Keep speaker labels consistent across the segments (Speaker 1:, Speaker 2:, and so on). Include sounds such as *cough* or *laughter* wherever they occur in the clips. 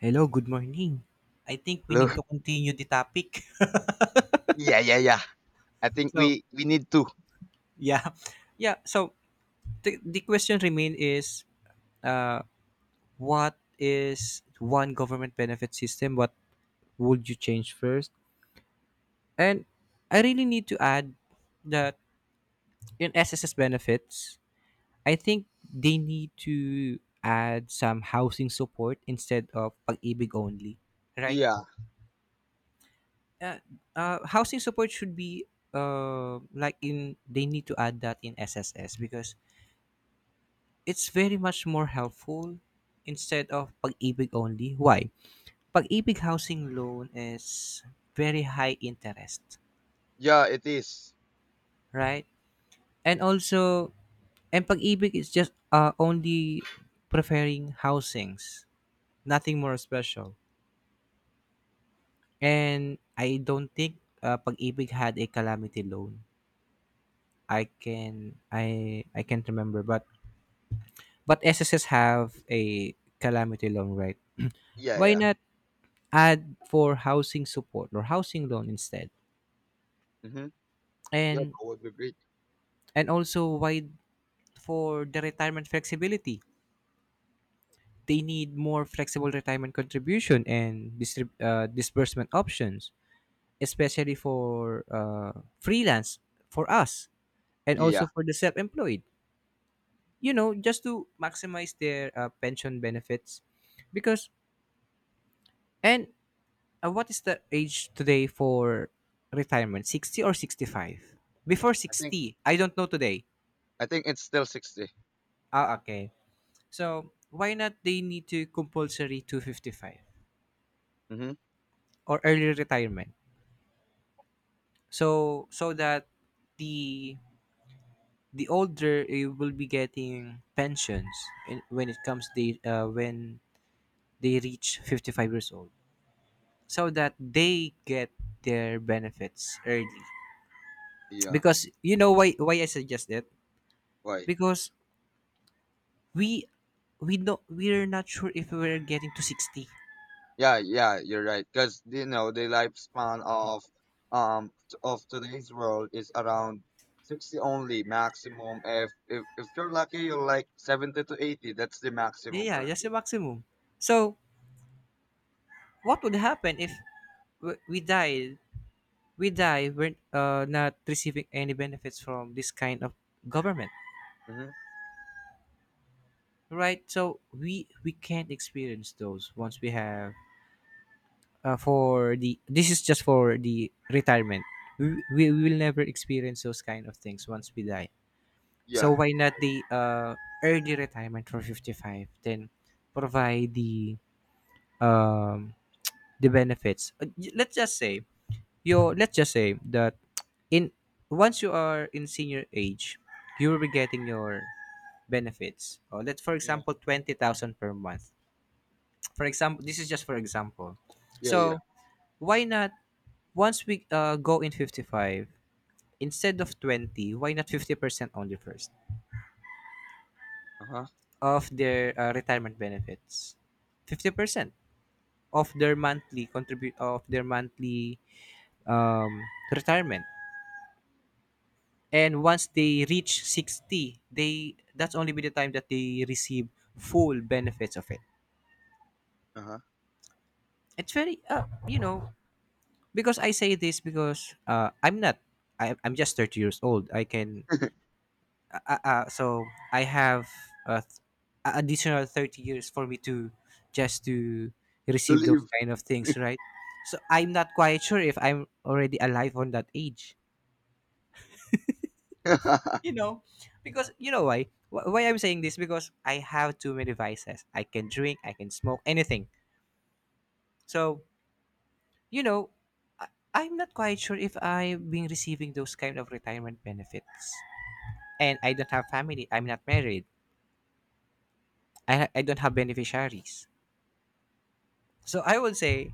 Speaker 1: Hello, good morning. I think we need
Speaker 2: Look,
Speaker 1: to continue the topic. *laughs*
Speaker 2: yeah, yeah, yeah. I think
Speaker 1: So,
Speaker 2: we need to.
Speaker 1: yeah. Yeah, so the question remain is uh what is one government benefit system what would you change first? And I really need to add that in SSS benefits, I think they need to add some housing support instead of pag-ibig only, right?
Speaker 2: Yeah,
Speaker 1: uh, Housing support should be like in they need to add that in SSS because it's very much more helpful instead of pag-ibig only. Why? Pag-ibig housing loan is very high interest,
Speaker 2: yeah, it is.
Speaker 1: right? And also, and pag-ibig is just only preferring housings, nothing more special. And I don't think pag-ibig had a calamity loan. I can't remember, but but SSS have a calamity loan, right?
Speaker 2: Yeah,
Speaker 1: Why
Speaker 2: yeah.
Speaker 1: not add for housing support or housing loan instead?
Speaker 2: Mm-hmm. Yeah, that
Speaker 1: And
Speaker 2: would be great.
Speaker 1: and also why for the retirement flexibility? They need more flexible retirement contribution and disbursement options, especially for freelance for us and
Speaker 2: Yeah,
Speaker 1: also for the self-employed. You know, just to maximize their pension benefits, because and what is the age today for retirement? 60 or 65? Before
Speaker 2: I think
Speaker 1: 60. I don't know today.
Speaker 2: I think it's still 60.
Speaker 1: Ah, okay. So, why not they need to compulsory to 55
Speaker 2: Mm-hmm.
Speaker 1: or early retirement? So, so that the the older you will be getting pensions in, when it comes they when they reach 55 years old so that they get their benefits early
Speaker 2: Yeah.
Speaker 1: because you know why I suggest that
Speaker 2: Why?
Speaker 1: because we we don't we're not sure if we're getting to 60.
Speaker 2: Yeah, yeah. You're right. Because you know the lifespan of of today's world is around 60 only maximum. If you're lucky, you're like 70 to 80. That's the maximum
Speaker 1: Yeah, yeah, that's the
Speaker 2: already.
Speaker 1: maximum. So what would happen if we died, we die, we're not receiving any benefits from this kind of government,
Speaker 2: Mm-hmm.
Speaker 1: right? So we can't experience those once we have for the this is just for the retirement. We, we will never experience those kind of things once we die. So
Speaker 2: Yeah.
Speaker 1: why not the early retirement for 55, then provide um the benefits. Let's just say you let's just say that in once you are in senior age you will be getting your benefits, or let's for
Speaker 2: Yeah.
Speaker 1: example 20,000 per month, for example, this is just for example.
Speaker 2: Yeah. Yeah.
Speaker 1: So why not once we go in 55, instead of 20, why not 50% only first
Speaker 2: Uh huh.
Speaker 1: of their retirement benefits, 50% of their monthly contribute of their monthly um, retirement, and once they reach 60 they that's only be the time that they receive full benefits of it.
Speaker 2: Uh huh.
Speaker 1: It's very you know, because I say this because I'm not I'm just 30 years old. I can so I have uh, th- additional 30 years for me to just to
Speaker 2: To
Speaker 1: receive those
Speaker 2: live.
Speaker 1: kind of things, right? So I'm not quite sure if I'm already alive on that age, you
Speaker 2: *laughs*
Speaker 1: know. Because you know why I'm saying this, because I have too many vices, I can drink, I can smoke anything. So, you know, I, I'm not quite sure if I've been receiving those kind of retirement benefits. And I don't have family, I'm not married, I don't have beneficiaries. So I would say,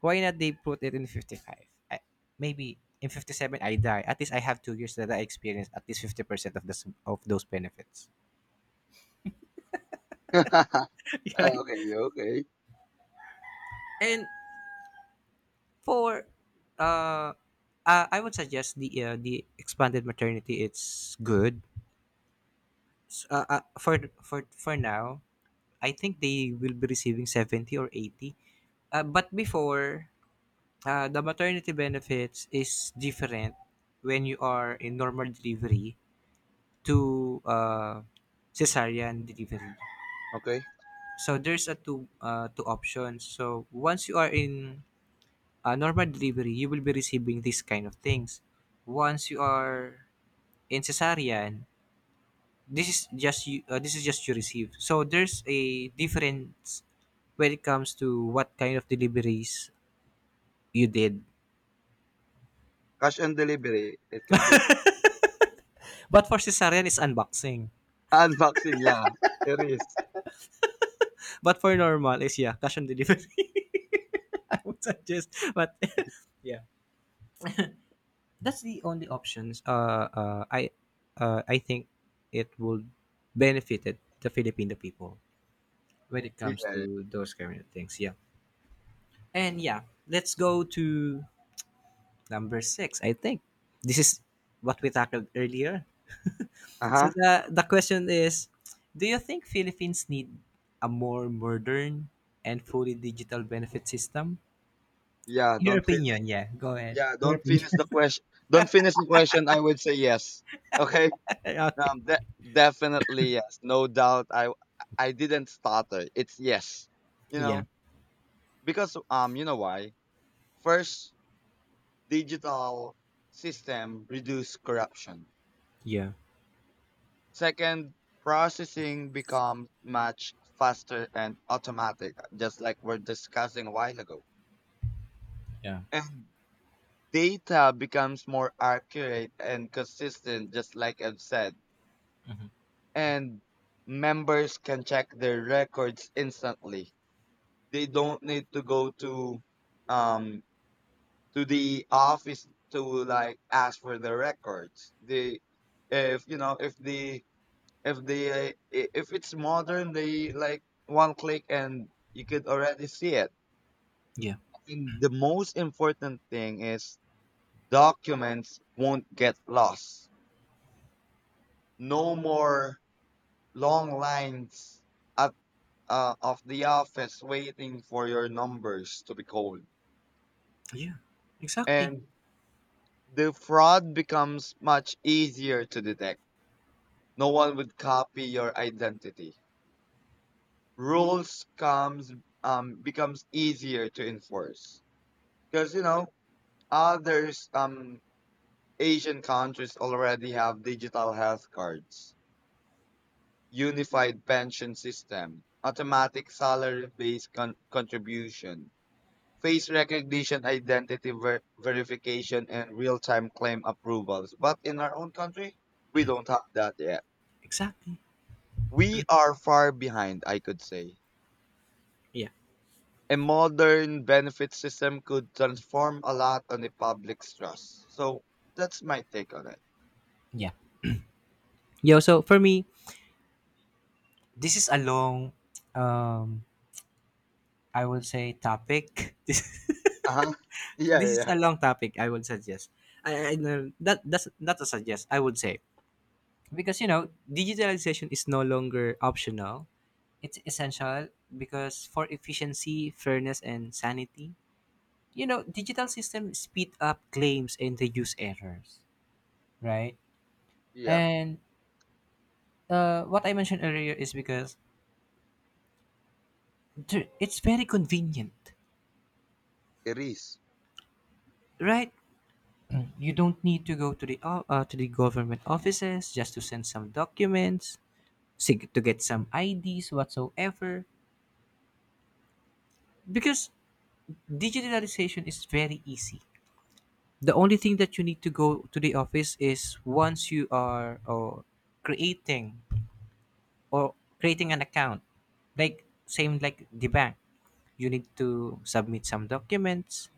Speaker 1: why not they put it in 55. I, Maybe in 57 I die, at least I have 2 years that I experience at least 50% of the s of those benefits.
Speaker 2: *laughs*
Speaker 1: *laughs* Right?
Speaker 2: Okay, okay.
Speaker 1: And for uh, I would suggest the expanded maternity, it's good. For now, I think they will be receiving 70 or 80. But before the maternity benefits is different when you are in normal delivery to cesarean delivery.
Speaker 2: Okay.
Speaker 1: So there's a two options. So once you are in normal delivery, you will be receiving these kind of things. Once you are in cesarean, this is just you receive, so there's a difference when it comes to what kind of deliveries you did.
Speaker 2: Cash on delivery, it can be.
Speaker 1: But for cesarean is unboxing,
Speaker 2: *laughs* Unboxing, yeah. It is.
Speaker 1: but for normal is yeah, cash on delivery. *laughs* I would suggest, but *laughs* yeah, that's the only options. I think it will benefited the Filipino people when it comes
Speaker 2: Yeah.
Speaker 1: to those kind of things, yeah. And yeah, let's go to number six, I think. This is what we tackled earlier. So
Speaker 2: Uh-huh.
Speaker 1: the question is, do you think Philippines need a more modern and fully digital benefit system?
Speaker 2: Yeah,
Speaker 1: Your
Speaker 2: don't finish.
Speaker 1: opinion, yeah. Go ahead.
Speaker 2: Yeah,
Speaker 1: Your
Speaker 2: don't
Speaker 1: opinion.
Speaker 2: finish the question. Don't finish the question. I would say yes. Okay.
Speaker 1: *laughs* Okay.
Speaker 2: Definitely yes. No doubt. I didn't stutter. It's yes. You
Speaker 1: Yeah.
Speaker 2: know, because you know why? First, digital system reduce corruption.
Speaker 1: Yeah.
Speaker 2: Second, processing becomes much faster and automatic, just like we're discussing a while ago.
Speaker 1: Yeah.
Speaker 2: And data becomes more accurate and consistent, just like I've said. And members can check their records instantly. They don't need to go um to the office to like ask for the records. They if you know if the if they I- if it's modern they like one click and you could already see it.
Speaker 1: Yeah.
Speaker 2: And the most important thing is documents won't get lost, no more long lines at of the office waiting for your numbers to be called.
Speaker 1: Yeah. Exactly.
Speaker 2: And the fraud becomes much easier to detect, no one would copy your identity, rules comes becomes easier to enforce. Because you know, others, Asian countries already have digital health cards, unified pension system, automatic salary-based contribution, face recognition, identity verification, and real-time claim approvals. But in our own country, we don't have that yet.
Speaker 1: Exactly.
Speaker 2: We are far behind, I could say.
Speaker 1: Yeah.
Speaker 2: A modern benefit system could transform a lot on the public's trust. So that's my take on it.
Speaker 1: Yeah. Yo, so for me, this is a long um I would say topic. *laughs* This
Speaker 2: Uh-huh. Yeah,
Speaker 1: this
Speaker 2: yeah,
Speaker 1: is
Speaker 2: yeah.
Speaker 1: a long topic, I would suggest. I know that that's not a suggest. I would say, because you know digitalization is no longer optional. It's essential because for efficiency, fairness, and sanity. You know, digital systems speed up claims and reduce errors, right?
Speaker 2: Yeah.
Speaker 1: And what I mentioned earlier is because it's very convenient,
Speaker 2: It is.
Speaker 1: right? You don't need to go to the to the government offices just to send some documents to get some IDs whatsoever, because digitalization is very easy. The only thing that you need to go to the office is once you are or creating an account, like same like the bank. You need to submit some documents,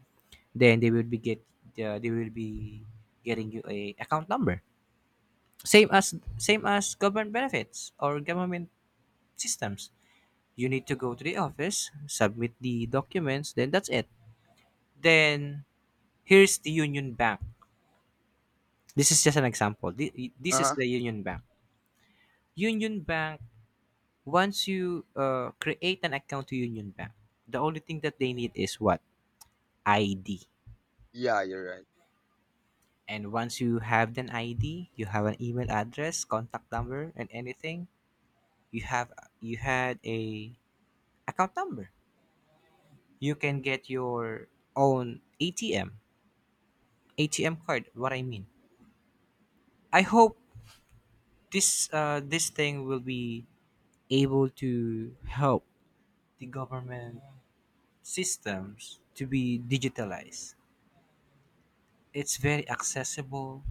Speaker 1: then they will be getting you a account number. Same as government benefits or government systems. You need to go to the office, submit the documents, then that's it. Then here's the Union Bank. This is just an example. This is
Speaker 2: Uh-huh.
Speaker 1: the Union Bank. Union Bank, once you create an account to Union Bank, the only thing that they need is what? ID.
Speaker 2: Yeah, you're right.
Speaker 1: And once you have an ID, you have an email address, contact number, and anything, you have you had a account number. You can get your own ATM, ATM card, what I mean. I hope this this thing will be able to help the government systems to be digitalized. It's very accessible.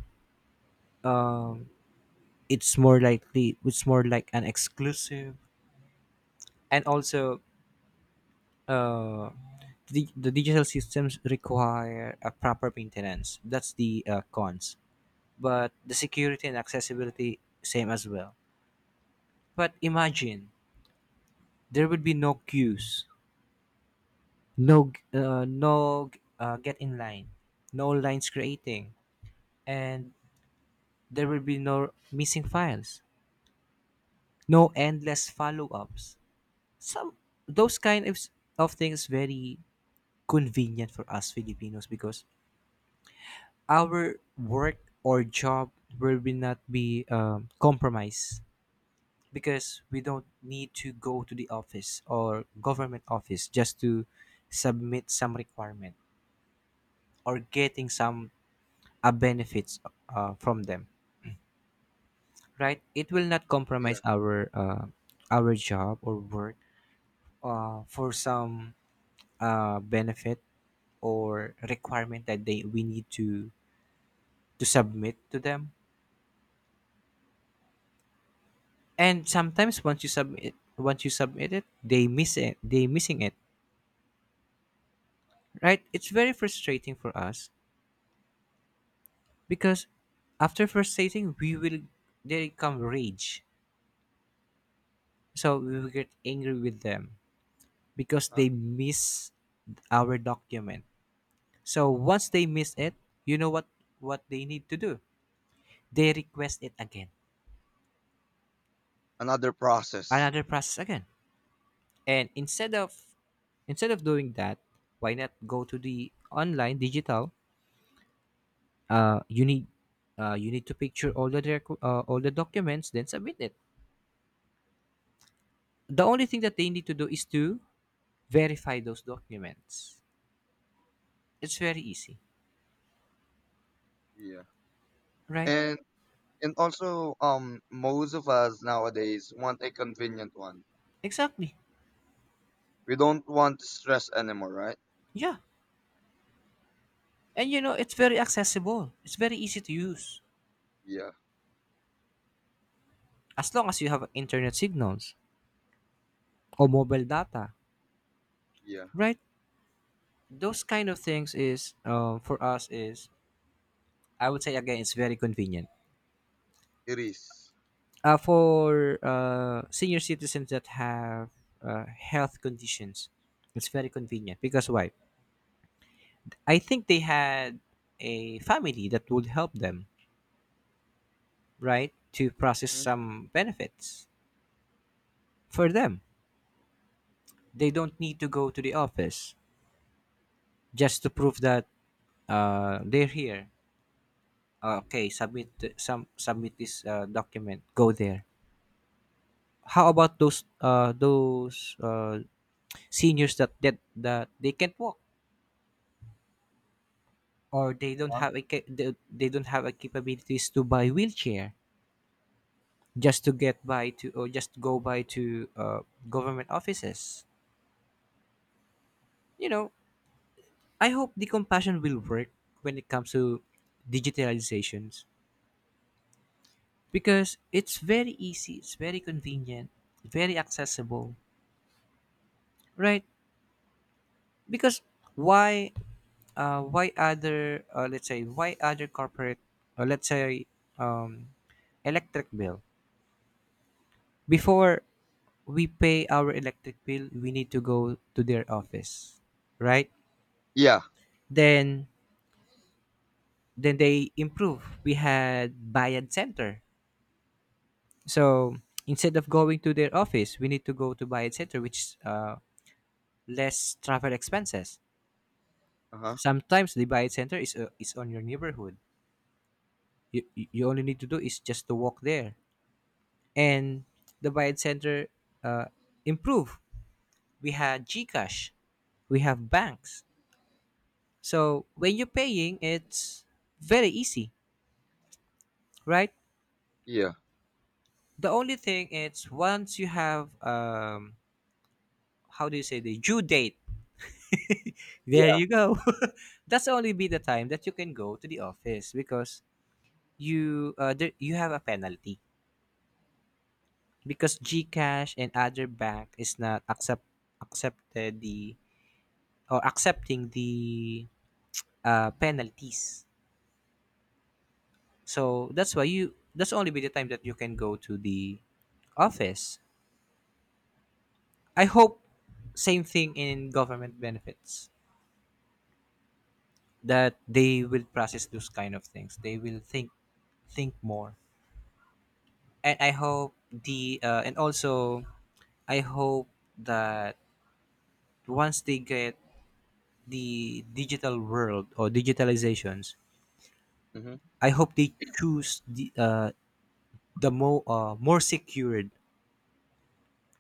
Speaker 1: Um, it's more likely, it's more like an exclusive, and also uh, the digital systems require a proper maintenance. That's the cons. But the security and accessibility same as well. But imagine there would be no queues, no get in line, no lines creating, and there will be no missing files, no endless follow-ups, some those kind of things, very convenient for us Filipinos, because our work or job will be not be compromised, because we don't need to go to the office or government office just to submit some requirement or getting some benefits from them, right? It will not
Speaker 2: Yeah.
Speaker 1: compromise our job or work for some benefit or requirement that they we need to submit to them. And sometimes once you submit it they miss it, they missing it, right? It's very frustrating for us, because after frustrating we will they come rage so we will get angry with them because
Speaker 2: Uh-huh.
Speaker 1: they miss our document. So once they miss it, you know what they need to do. They request it again,
Speaker 2: Another process.
Speaker 1: another process again. And instead of doing that, why not go to the online digital? Uh, you need you need to picture all the all the documents, then submit it. The only thing that they need to do is to verify those documents. It's very easy,
Speaker 2: Yeah.
Speaker 1: right?
Speaker 2: And and also, most of us nowadays want a convenient one.
Speaker 1: Exactly.
Speaker 2: We don't want stress anymore, right?
Speaker 1: Yeah. And you know, it's very accessible. It's very easy to use
Speaker 2: Yeah.
Speaker 1: as long as you have internet signals or mobile data,
Speaker 2: Yeah.
Speaker 1: right? Those kind of things is, for us, is I would say again, it's very convenient
Speaker 2: It is.
Speaker 1: for senior citizens that have health conditions. It's very convenient because why? I think they had a family that would help them, right, to process
Speaker 2: Mhm.
Speaker 1: some benefits for them. They don't need to go to the office just to prove that they're here. Okay, submit some, submit this document, go there. How about those seniors that they can't walk, or they don't
Speaker 2: Uh-huh.
Speaker 1: have a they don't have a capabilities to buy wheelchair just to get by to, or just go by to, government offices? You know, I hope the compassion will work when it comes to digitalizations, because it's very easy, it's very convenient, very accessible, right? Because why? Why other let's say, why other corporate, let's say, um, electric bill? Before, we pay our electric bill, we need to go to their office, right?
Speaker 2: Yeah.
Speaker 1: then then they improve, we had Bayad Center. So instead of going to their office, we need to go to Bayad Center, which is, less travel expenses.
Speaker 2: Uh-huh.
Speaker 1: Sometimes the Bayad Center is, is on your neighborhood. You only need to do is just to walk there. And the Bayad Center uh, improve. We had GCash, we have banks. So when you're paying, it's very easy, right?
Speaker 2: Yeah.
Speaker 1: The only thing is, once you have, how do you say, the due date. *laughs* There
Speaker 2: Yeah.
Speaker 1: you go. *laughs* That's only be the time that you can go to the office, because you, you have a penalty, because GCash and other bank is not accept, accepted the, or accepting the, penalties. So that's why you that's only be the time that you can go to the office. I hope same thing in government benefits, that they will process those kind of things. They will think more. And I hope the, and also I hope that once they get the digital world or digitalizations,
Speaker 2: Hmm.
Speaker 1: I hope they choose the, more secured,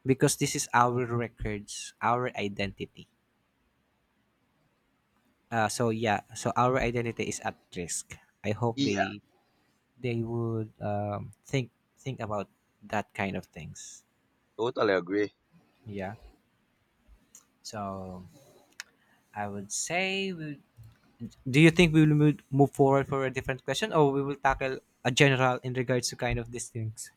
Speaker 1: because this is our records, our identity. So yeah, so our identity is at risk. I hope
Speaker 2: Yeah.
Speaker 1: they would, think about that kind of things.
Speaker 2: Totally agree. *laughs*
Speaker 1: Yeah. So I would say, we, do you think we will move forward for a different question, or we will tackle a general in regards to kind of these things?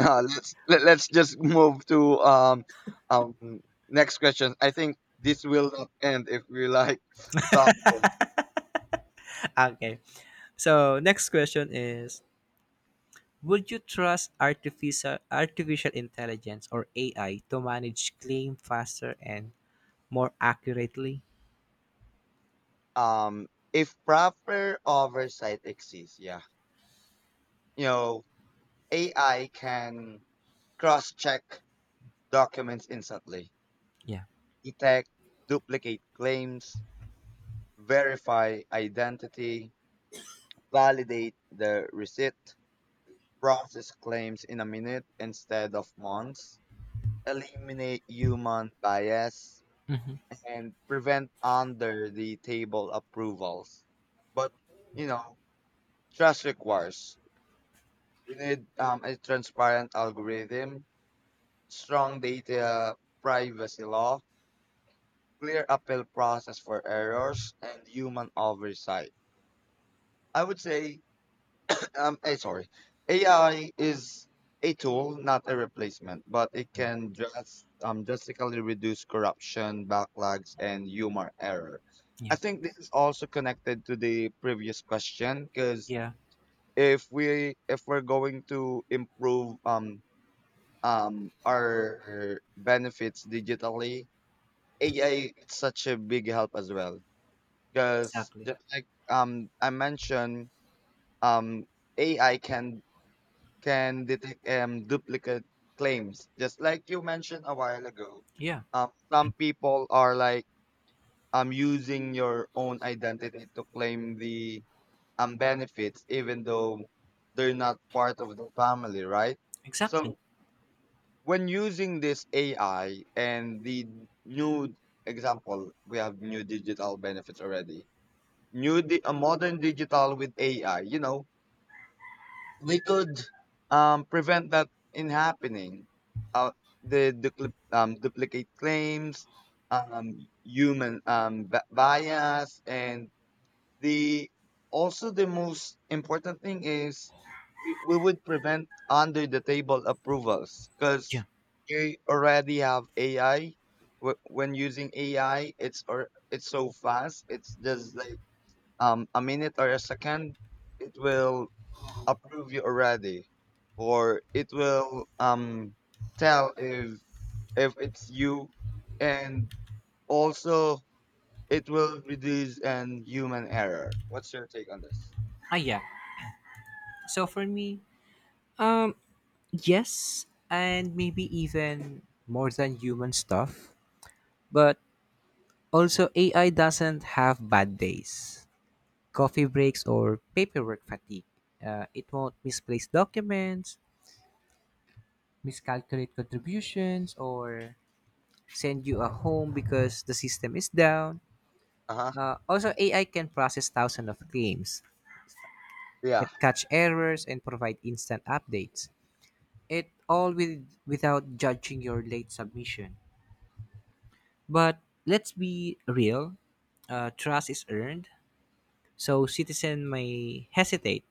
Speaker 2: Let's just move to um next question. I think this will not end if we like *laughs* talk.
Speaker 1: *laughs* Okay. So next question is: would you trust artificial intelligence or AI to manage claim faster and more accurately?
Speaker 2: If proper oversight exists, yeah, you know, AI can cross-check documents instantly,
Speaker 1: Yeah.
Speaker 2: detect duplicate claims, verify identity, validate the receipt, process claims in a minute instead of months, eliminate human bias,
Speaker 1: Mm-hmm.
Speaker 2: and prevent under-the-table approvals. But you know, trust requires. We need a transparent algorithm, strong data privacy law, clear appeal process for errors, and human oversight. I would say, *clears throat* sorry, AI is a tool, not a replacement, but it can just drastically reduce corruption, backlogs, and human error.
Speaker 1: Yeah.
Speaker 2: I think this is also connected to the previous question because
Speaker 1: Yeah.
Speaker 2: if we're going to improve our benefits digitally, AI is such a big help as well, because
Speaker 1: Exactly.
Speaker 2: just like I mentioned, um AI can detect duplicate claims just like you mentioned a while ago.
Speaker 1: Yeah.
Speaker 2: Some people are like using your own identity to claim the benefits even though they're not part of the family, right?
Speaker 1: Exactly.
Speaker 2: So when using this AI and the new example, we have new digital benefits already. A modern digital with AI, you know, we could prevent that in happening. Uh, the duplicate claims, um, human bias, and the also the most important thing is we would prevent under the table approvals
Speaker 1: Yeah.
Speaker 2: because you already have AI. When using AI, it's so fast. It's just like a minute or a second, it will approve you already, or it will tell if it's you, and also it will reduce an human error. What's your take on this?
Speaker 1: Ah, yeah. So for me, um, yes, and maybe even more than human stuff, but also AI doesn't have bad days, coffee breaks, or paperwork fatigue. It won't misplace documents, miscalculate contributions, or send you a home because the system is down.
Speaker 2: Uh huh.
Speaker 1: Also, AI can process thousands of claims. It
Speaker 2: Yeah.
Speaker 1: catch errors and provide instant updates. It all with without judging your late submission. But let's be real. Trust is earned, so citizen may hesitate.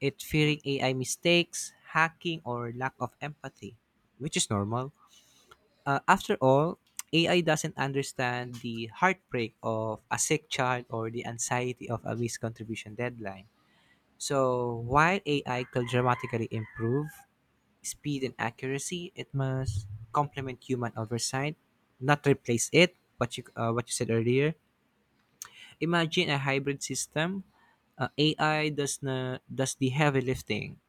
Speaker 1: It
Speaker 2: Hmm.
Speaker 1: fearing AI mistakes, hacking, or lack of empathy, which is normal. After all, AI doesn't understand the heartbreak of a sick child or the anxiety of a missed contribution deadline. So while AI could dramatically improve speed and accuracy, it must complement human oversight, not replace it. What you, what you said earlier. Imagine a hybrid system. AI does the heavy lifting,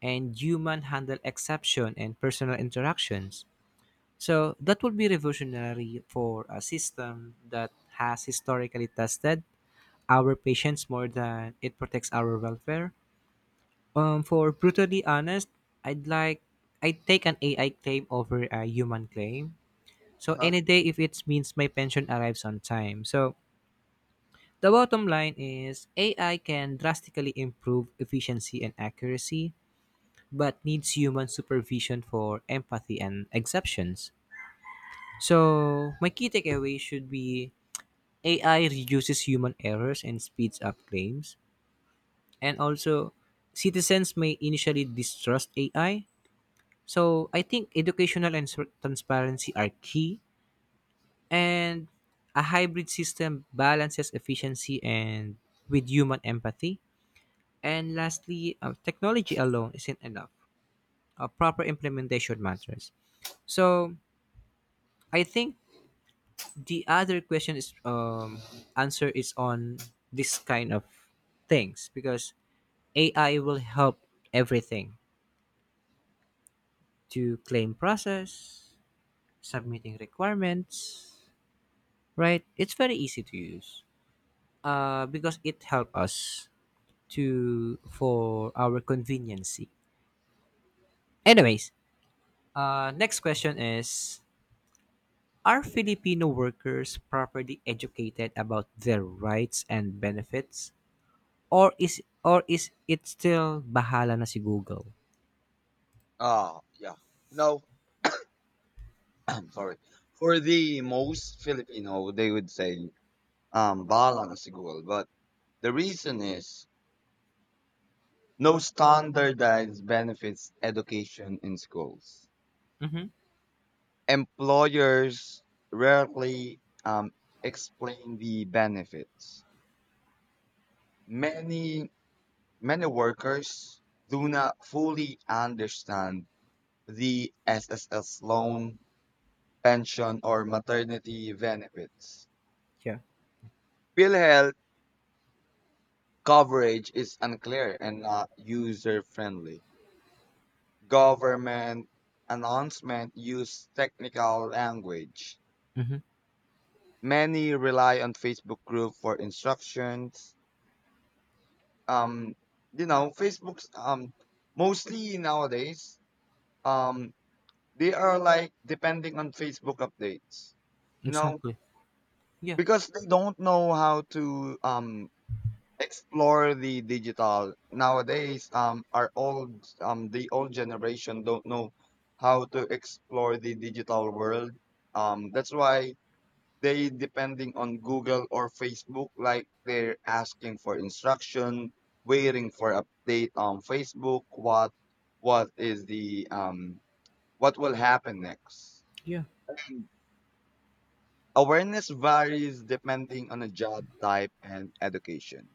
Speaker 1: and human handle exception and personal interactions. So that would be revolutionary for a system that has historically tested our patience more than it protects our welfare. For brutally honest, I'd like I'd take an AI claim over a human claim.
Speaker 2: Uh
Speaker 1: So
Speaker 2: huh.
Speaker 1: any day, if it means my pension arrives on time. So the bottom line is, AI can drastically improve efficiency and accuracy, but needs human supervision for empathy and exceptions. So my key takeaway should be, AI reduces human errors and speeds up claims. And also, citizens may initially distrust AI. So I think transparency are key, and a hybrid system balances efficiency and with human empathy. And lastly, technology alone isn't enough. A proper implementation matters. So I think the other question is, answer is on this kind of things, because AI will help everything to claim process, submitting requirements, right? It's very easy to use, because it helps us to, for our conveniency. Anyways, next question is: are Filipino workers properly educated about their rights and benefits, or is, it still bahala na si Google?
Speaker 2: Oh, yeah. No, *clears throat* I'm sorry. For the most Filipino, they would say balance equal, but the reason is no standardized benefits education in schools.
Speaker 1: Mm-hmm.
Speaker 2: Employers rarely explain the benefits. Many many workers do not fully understand the SSS loan, pension, or maternity benefits.
Speaker 1: Yeah.
Speaker 2: Bill health coverage is unclear and not user friendly. Government announcement use technical language.
Speaker 1: Mm-hmm.
Speaker 2: Many rely on Facebook group for instructions. Um, you know, Facebook's mostly nowadays, um they are like depending on Facebook updates. You know,
Speaker 1: Exactly. Yeah.
Speaker 2: because they don't know how to explore the digital nowadays. Our old The old generation don't know how to explore the digital world. That's why they depending on Google or Facebook, like they're asking for instruction, waiting for update on Facebook. What is the what will happen next.
Speaker 1: Yeah.
Speaker 2: Awareness varies depending on the job type and education.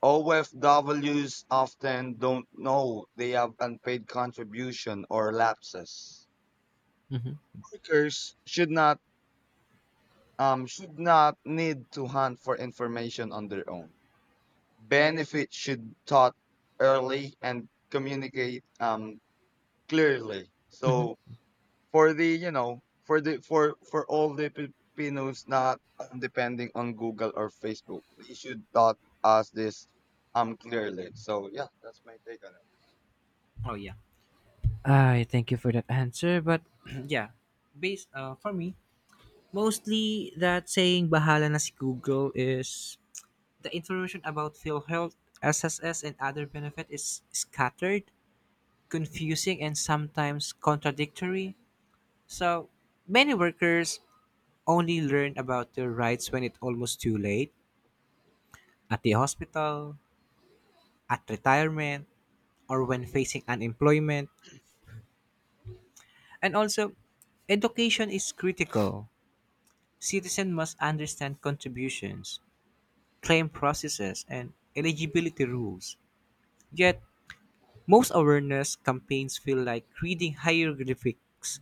Speaker 2: OFWs often don't know they have unpaid contribution or lapses.
Speaker 1: Mm-hmm.
Speaker 2: Workers should not need to hunt for information on their own. Benefits should taught early and communicate clearly.
Speaker 1: Mm-hmm.
Speaker 2: So for the you know for the for all the Filipinos, not depending on Google or Facebook, they should taught us this clearly. So yeah, that's my take on it.
Speaker 1: Oh yeah. I thank you for that answer, but *clears throat* yeah, based for me, mostly that saying bahala na si Google is, the information about PhilHealth, SSS, and other benefit is scattered, confusing, and sometimes contradictory. So many workers only learn about their rights when it's almost too late, at the hospital, at retirement, or when facing unemployment. And also, education is critical. Citizens must understand contributions, claim processes, and eligibility rules. Yet, most awareness campaigns feel like reading hieroglyphics,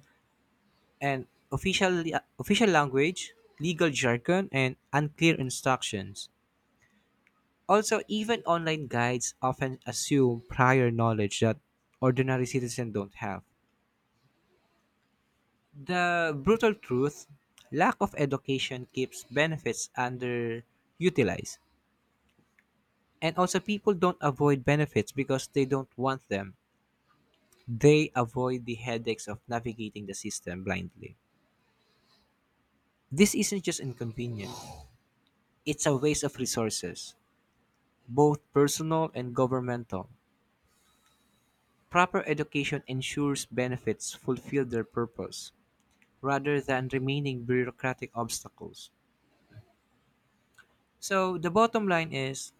Speaker 1: and official, official language, legal jargon, and unclear instructions. Also, even online guides often assume prior knowledge that ordinary citizens don't have. The brutal truth, lack of education keeps benefits underutilized. And also, people don't avoid benefits because they don't want them. They avoid the headaches of navigating the system blindly. This isn't just inconvenient, it's a waste of resources, both personal and governmental. Proper education ensures benefits fulfill their purpose rather than remaining bureaucratic obstacles. So, the bottom line is,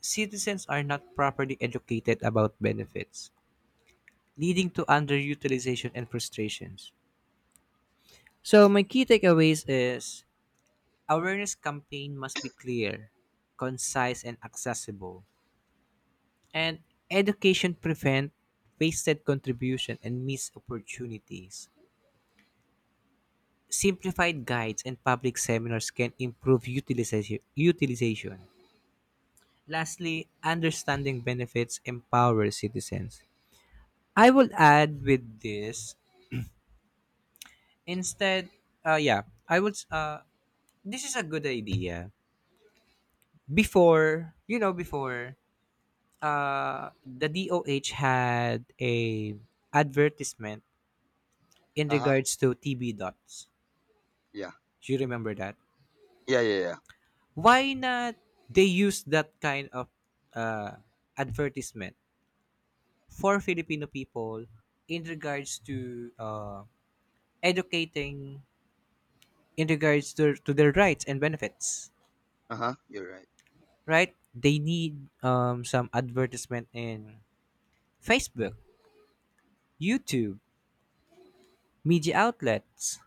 Speaker 1: citizens are not properly educated about benefits, leading to underutilization and frustrations. So, my key takeaways is, awareness campaign must be clear, concise and accessible. And education prevent wasted contribution and missed opportunities. Simplified guides and public seminars can improve utilization. Lastly, understanding benefits empower citizens. I will add with this, instead, yeah, I would this is a good idea. Before, you know, before, the DOH had a advertisement in
Speaker 2: Uh huh.
Speaker 1: regards to TB dots.
Speaker 2: Yeah.
Speaker 1: Do you remember that?
Speaker 2: Yeah, yeah, yeah.
Speaker 1: Why not they use that kind of uh, advertisement for Filipino people in regards to, educating in regards to their rights and benefits,
Speaker 2: Uh huh. You're right.
Speaker 1: right? They need, some advertisement in Facebook, YouTube, media outlets,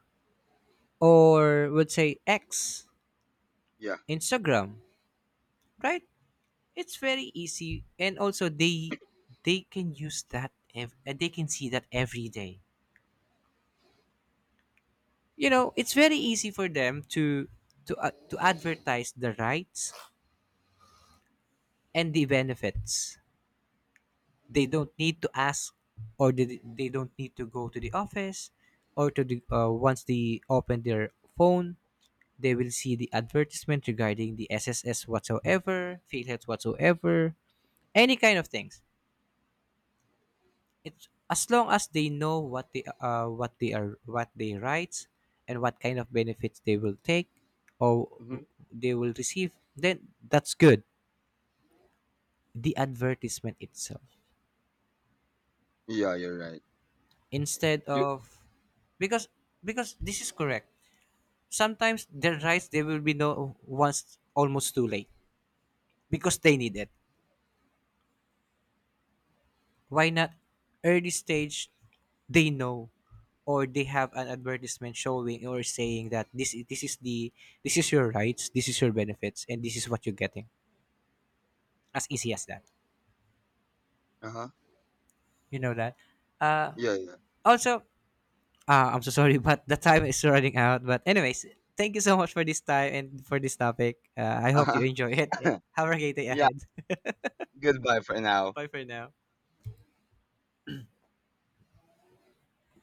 Speaker 1: or would say X,
Speaker 2: Yeah.
Speaker 1: Instagram, right? It's very easy, and also they can use that ev- and they can see that every day. You know, it's very easy for them to, to advertise the rights and the benefits. They don't need to ask, or they don't need to go to the office, or to the, once they open their phone, they will see the advertisement regarding the sss whatsoever philheads whatsoever, any kind of things. It's as long as they know what they, what they are, what they rights and what kind of benefits they will take, or
Speaker 2: Mm-hmm.
Speaker 1: they will receive, then that's good. The advertisement itself.
Speaker 2: Yeah, you're right.
Speaker 1: Instead
Speaker 2: You.
Speaker 1: of, because because this is correct. Sometimes their rights they will be know once almost too late, because they need it. Why not early stage they know, or they have an advertisement showing or saying that this is the, this is your rights, this is your benefits, and this is what you're getting. As easy as that.
Speaker 2: Uh huh.
Speaker 1: You know that. Uh,
Speaker 2: Yeah, yeah.
Speaker 1: Also, I'm so sorry, *laughs* but the time is running out. But anyways, thank you so much for this time and for this topic. I
Speaker 2: Uh
Speaker 1: hope
Speaker 2: huh.
Speaker 1: you enjoy it and have a great day
Speaker 2: *laughs* Yeah.
Speaker 1: ahead. *laughs*
Speaker 2: Goodbye for now.
Speaker 1: Bye for now.